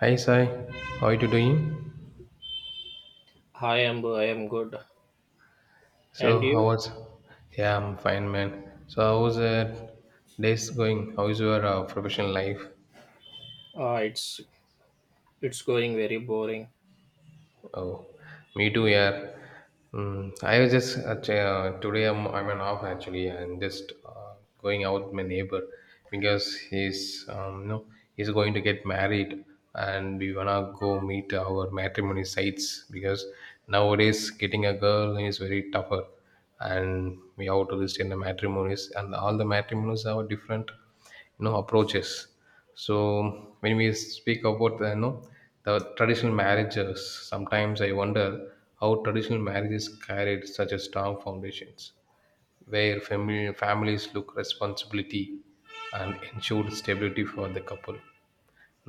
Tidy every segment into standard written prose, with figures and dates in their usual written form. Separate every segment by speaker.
Speaker 1: Hi Sai, how are you doing?
Speaker 2: Hi, Amber. I am good.
Speaker 1: So
Speaker 2: And
Speaker 1: how
Speaker 2: you?
Speaker 1: was? Yeah, I'm fine, man. So how was days going? How is your professional life?
Speaker 2: Uh, it's it's going very boring.
Speaker 1: Oh, me too, yeah. Mm, I was just ch- today I'm an off actually, and just going out with my neighbor because he's no, he's going to get married, and we wanna go meet our matrimony sites because nowadays getting a girl is very tougher, and we have to list in the matrimonies, and all the matrimonies have different approaches. So when we speak about the, you know the traditional marriages, sometimes I wonder how traditional marriages carried such a strong foundations, where families look responsibility and ensured stability for the couple.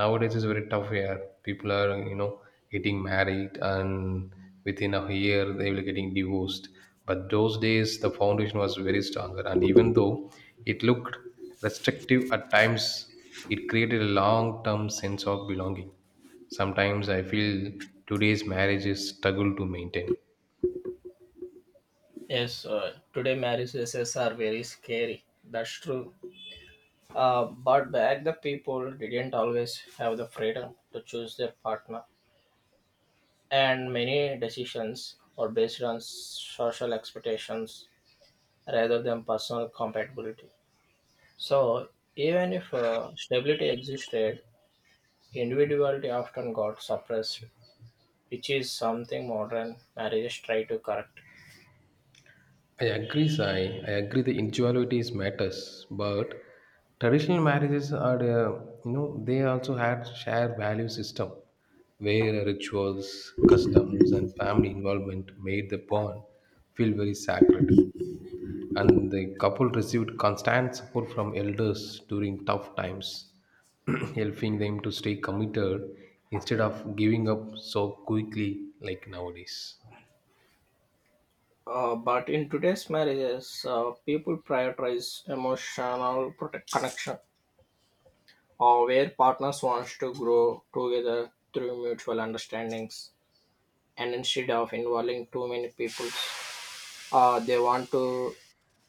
Speaker 1: Nowadays it's very tough here. People are getting married, and within a year they will getting divorced. But those days the foundation was very stronger, and even though it looked restrictive at times, it created a long term sense of belonging. Sometimes I feel today's marriages struggle to maintain.
Speaker 2: Yes, today marriages are very scary. That's true. But back the people didn't always have the freedom to choose their partner, and many decisions are based on social expectations rather than personal compatibility. So even if stability existed, individuality often got suppressed, which is something modern marriages try to correct.
Speaker 1: I agree, Sai. I agree the individualities matters, but traditional marriages they also had shared value system, where rituals, customs, and family involvement made the bond feel very sacred. And the couple received constant support from elders during tough times, helping them to stay committed instead of giving up so quickly like nowadays.
Speaker 2: But in today's marriages, people prioritize emotional connection, or where partners wants to grow together through mutual understandings, and instead of involving too many people, they want to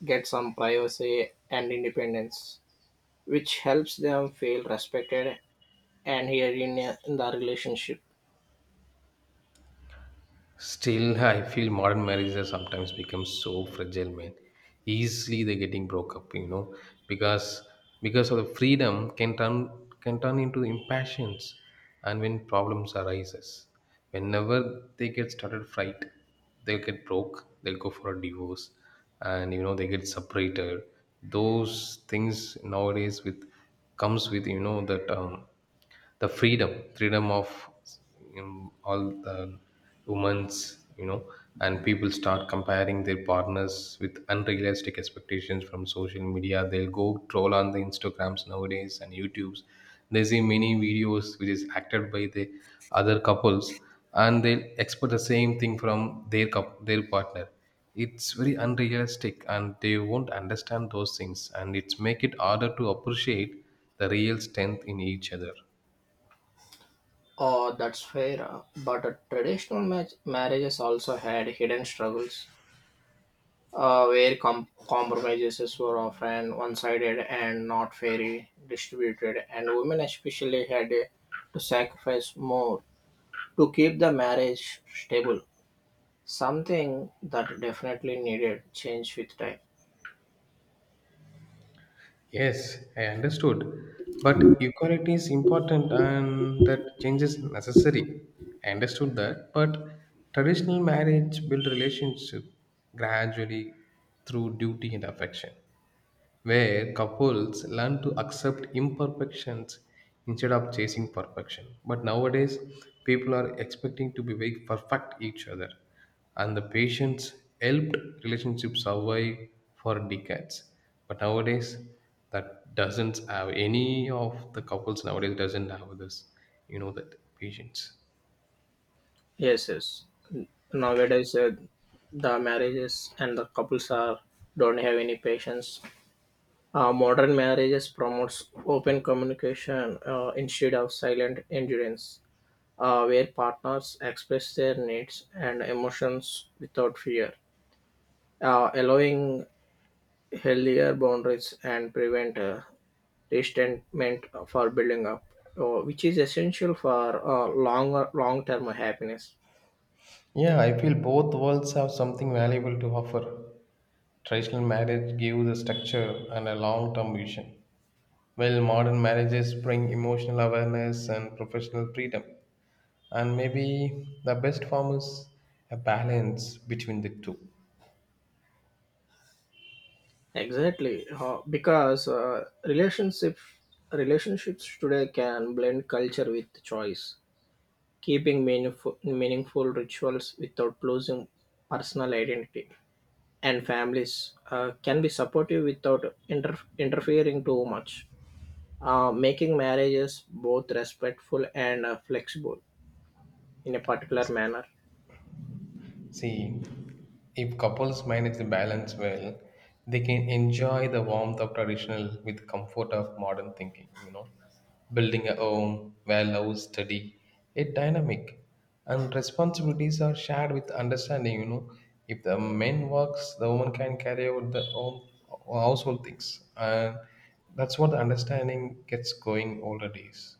Speaker 2: get some privacy and independence, which helps them feel respected and here in the relationship.
Speaker 1: Still, I feel modern marriages sometimes become so fragile, man. Easily they're getting broke up, because because of the freedom can turn into impatience, and when problems arises, whenever they get started fight, they'll get broke, they'll go for a divorce, and they get separated. Those things nowadays with comes with you know that the freedom of all the women's and people start comparing their partners with unrealistic expectations from social media. They'll go troll on the instagrams nowadays and youtubes. They see many videos which is acted by the other couples, and they'll expect the same thing from their partner. It's very unrealistic, and they won't understand those things, and it's make it harder to appreciate the real strength in each other.
Speaker 2: Oh, that's fair. But traditional marriages also had hidden struggles where compromises were often one sided and not fairly distributed, and women especially had to sacrifice more to keep the marriage stable, something that definitely needed change with time.
Speaker 1: Yes, I understood. But equality is important and that change is necessary. I understood that. But traditional marriage build relationship gradually through duty and affection, where couples learn to accept imperfections instead of chasing perfection. But nowadays, people are expecting to be very perfect each other, and the patience helped relationships survive for decades. But nowadays, that doesn't have any of the couples nowadays doesn't have this, that patience.
Speaker 2: Yes, yes. Nowadays, the marriages and the couples are don't have any patience. Modern marriages promotes open communication instead of silent endurance where partners express their needs and emotions without fear, allowing healthier boundaries and prevent resentment for building up, which is essential for long term happiness.
Speaker 1: Yeah, I feel both worlds have something valuable to offer. Traditional marriage gives a structure and a long term vision, while modern marriages bring emotional awareness and professional freedom. And maybe the best form is a balance between the two.
Speaker 2: Exactly, because relationships today can blend culture with choice, keeping meaningful rituals without losing personal identity. And families can be supportive without interfering too much, making marriages both respectful and flexible in a particular manner.
Speaker 1: See, if couples manage the balance well, they can enjoy the warmth of traditional with comfort of modern thinking, building a home where love is steady, yet dynamic, and responsibilities are shared with understanding. If the man works, the woman can carry out the home household things. And that's what the understanding gets going all the days.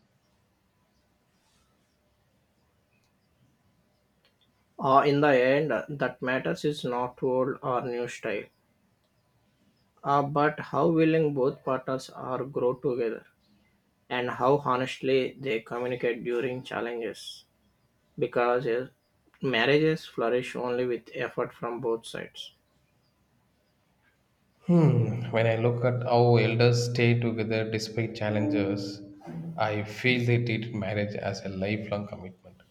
Speaker 2: In the end, that matters is not old or new style, but how willing both partners are grow together and how honestly they communicate during challenges. Because marriages flourish only with effort from both sides.
Speaker 1: When I look at how elders stay together despite challenges, I feel they treat marriage as a lifelong commitment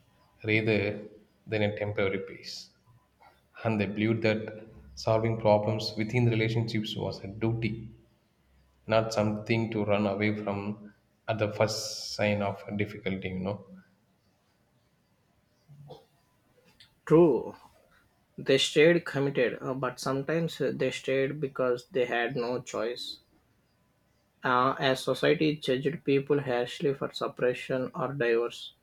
Speaker 1: rather than a temporary peace. And they believed that solving problems within the relationships was a duty, not something to run away from at the first sign of difficulty.
Speaker 2: True, they stayed committed, but sometimes they stayed because they had no choice. As society judged people harshly for suppression or divorce,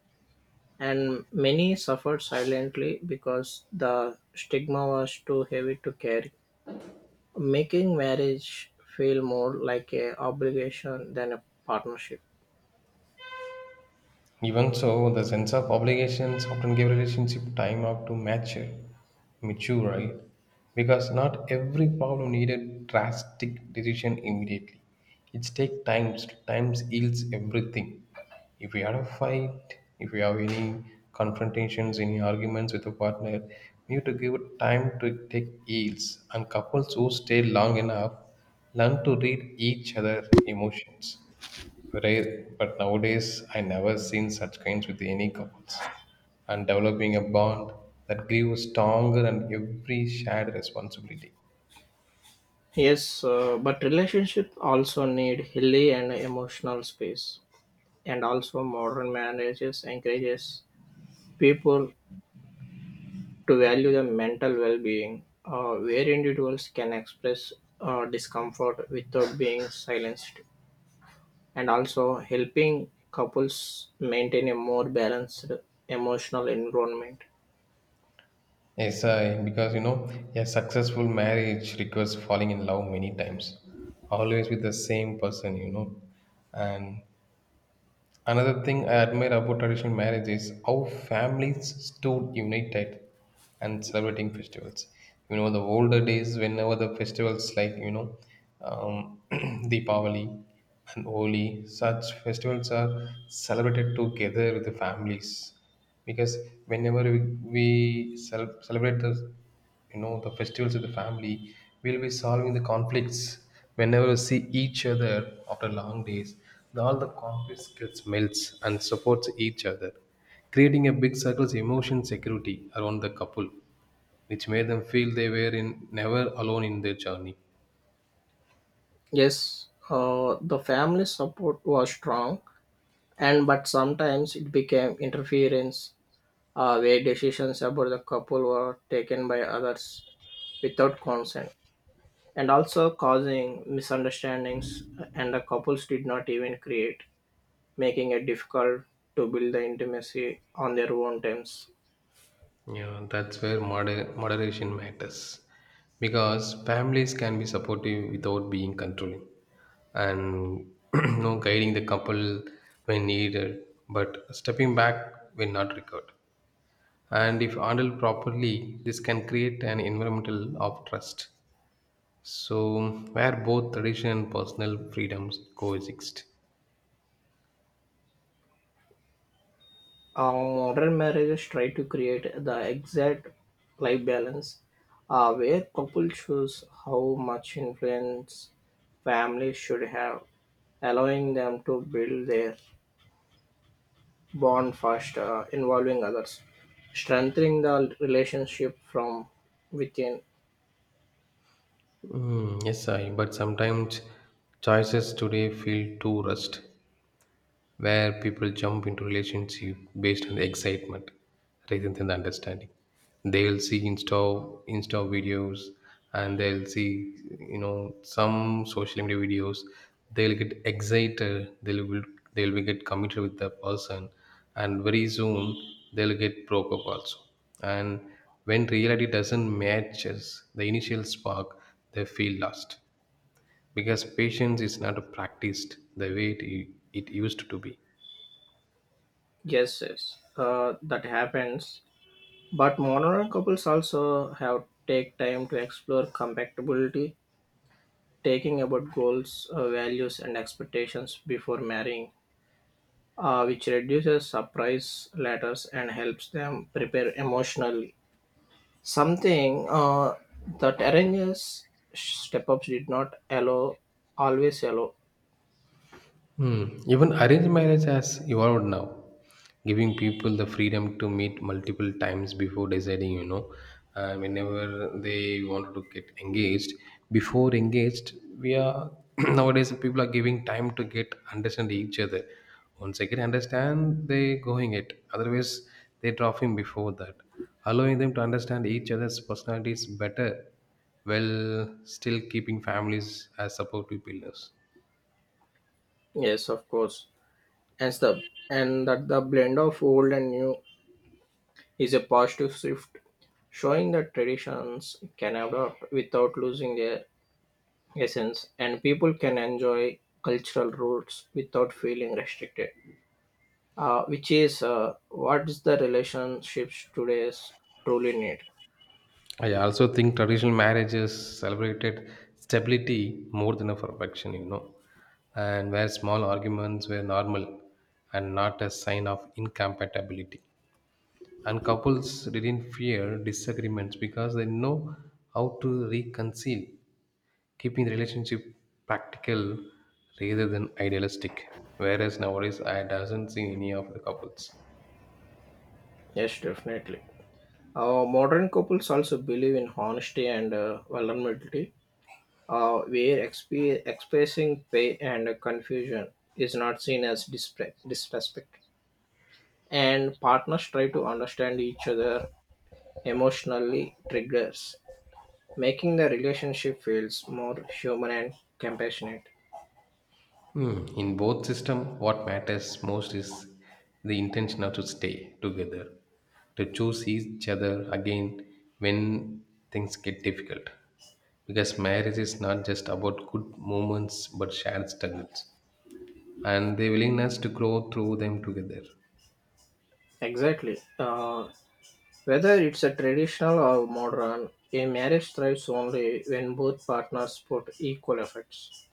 Speaker 2: and many suffered silently because the stigma was too heavy to carry, making marriage feel more like a obligation than a partnership.
Speaker 1: Even so, the sense of obligations often give relationship time out to mature, mature, right? Because not every problem needed drastic decision immediately. It's take times. Times heals everything. If we had a fight, if we have any confrontations, any arguments with a partner, we need to give time to take heals. And couples who stay long enough learn to read each other emotions. Rare, but nowadays I never seen such kinds with any couples. And developing a bond that grew stronger and every shared responsibility.
Speaker 2: Yes, but relationships also need hilly and emotional space. And also modern marriages encourages people to value the mental well-being, where individuals can express discomfort without being silenced, and also helping couples maintain a more balanced emotional environment.
Speaker 1: Yes, because a successful marriage requires falling in love many times, always with the same person, and another thing I admire about traditional marriage is how families stood united and celebrating festivals. The older days, whenever the festivals like, um, Deepavali and Holi, such festivals are celebrated together with the families. Because whenever we celebrate the you know the festivals of the family, we'll be solving the conflicts. Whenever we see each other after long days, all the conflicts gets melts and supports each other, creating a big circle's emotion security around the couple, which made them feel they were never alone in their journey.
Speaker 2: Yes, the family support was strong, and but sometimes it became interference where decisions about the couple were taken by others without consent and also causing misunderstandings and the couples did not even create making it difficult to build the intimacy on their own terms.
Speaker 1: Yeah, that's where moderation matters, because families can be supportive without being controlling, and guiding the couple when needed, but stepping back when not required. And if handled properly, this can create an environmental of trust. So, where both tradition and personal freedoms coexist.
Speaker 2: Modern marriages try to create the exact life balance where couples choose how much influence families should have, allowing them to build their bond faster, involving others, strengthening the relationship from within.
Speaker 1: Mm, yes, but sometimes choices today feel too rushed, where people jump into relationship based on the excitement rather than the understanding. They'll see Insta videos, and they'll see some social media videos. They'll get excited. They'll be get committed with the person, and very soon they'll get broke up also. And when reality doesn't matches the initial spark, they feel lost, because patience is not practiced the way it used to be.
Speaker 2: Yes, yes, that happens. But monogamy couples also have take time to explore compatibility, taking about goals, values, and expectations before marrying, which reduces surprise letters and helps them prepare emotionally. Something that arranges step ups did not allow, always allow.
Speaker 1: Hmm. Even arranged marriage has evolved now, giving people the freedom to meet multiple times before deciding, whenever they want to get engaged. Before engaged, we are nowadays people are giving time to get understand each other. Once they get understand, they going it. Otherwise, they drop him before that, allowing them to understand each other's personalities better, while still keeping families as supportive pillars.
Speaker 2: Yes, of course. And the and that the blend of old and new is a positive shift, showing that traditions can adapt without losing their essence and people can enjoy cultural roots without feeling restricted, which is what is the relationships today's truly need.
Speaker 1: I also think traditional marriages celebrated stability more than a perfection, and where small arguments were normal and not a sign of incompatibility. And couples didn't fear disagreements because they know how to reconcile, keeping the relationship practical rather than idealistic. Whereas nowadays, I doesn't see any of the couples.
Speaker 2: Yes, definitely, modern couples also believe in honesty and vulnerability where expressing pain and confusion is not seen as disrespect and partners try to understand each other emotionally triggers making the relationship feels more human and compassionate.
Speaker 1: Hmm, in both system, what matters most is the intention of to stay together, to choose each other again when things get difficult. Because marriage is not just about good moments but shared struggles and the willingness to grow through them together.
Speaker 2: Exactly. Whether it's a traditional or modern, a marriage thrives only when both partners put equal efforts,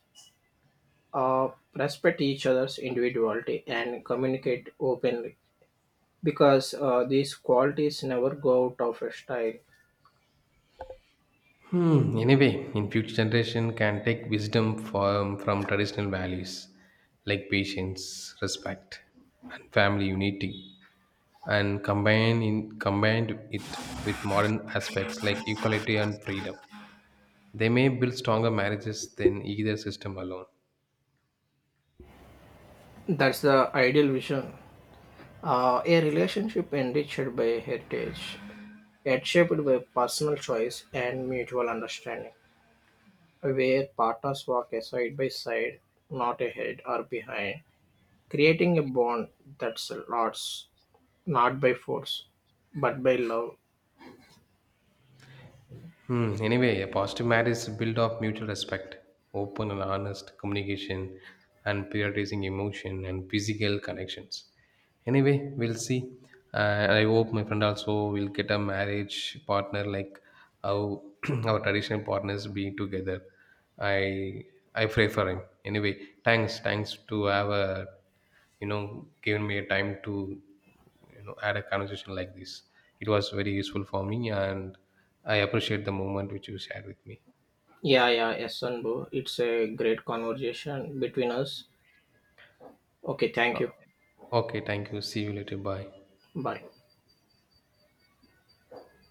Speaker 2: uh, respect each other's individuality, and communicate openly. Because these qualities never go out of style.
Speaker 1: Hmm, in a way, in future generation can take wisdom from traditional values like patience, respect, and family unity, and combined it with modern aspects like equality and freedom. They may build stronger marriages than either system alone.
Speaker 2: That's the ideal vision. A relationship enriched by heritage, yet shaped by personal choice and mutual understanding, where partners walk a side by side, not ahead or behind, creating a bond that's lots not by force but by love.
Speaker 1: Hmm. Anyway, a positive marriage is built of mutual respect, open and honest communication, and prioritizing emotion and physical connections. Anyway, we'll see. I hope my friend also will get a marriage partner like how our traditional partners being together. I I pray for him. Anyway, thanks to have a given me a time to had a conversation like this. It was very useful for me, and I appreciate the moment which you shared with me.
Speaker 2: Yeah, yeah, yes, Anbu. It's a great conversation between us. Okay, thank
Speaker 1: Uh,
Speaker 2: you.
Speaker 1: okay, thank you. See you later. Bye.
Speaker 2: Bye.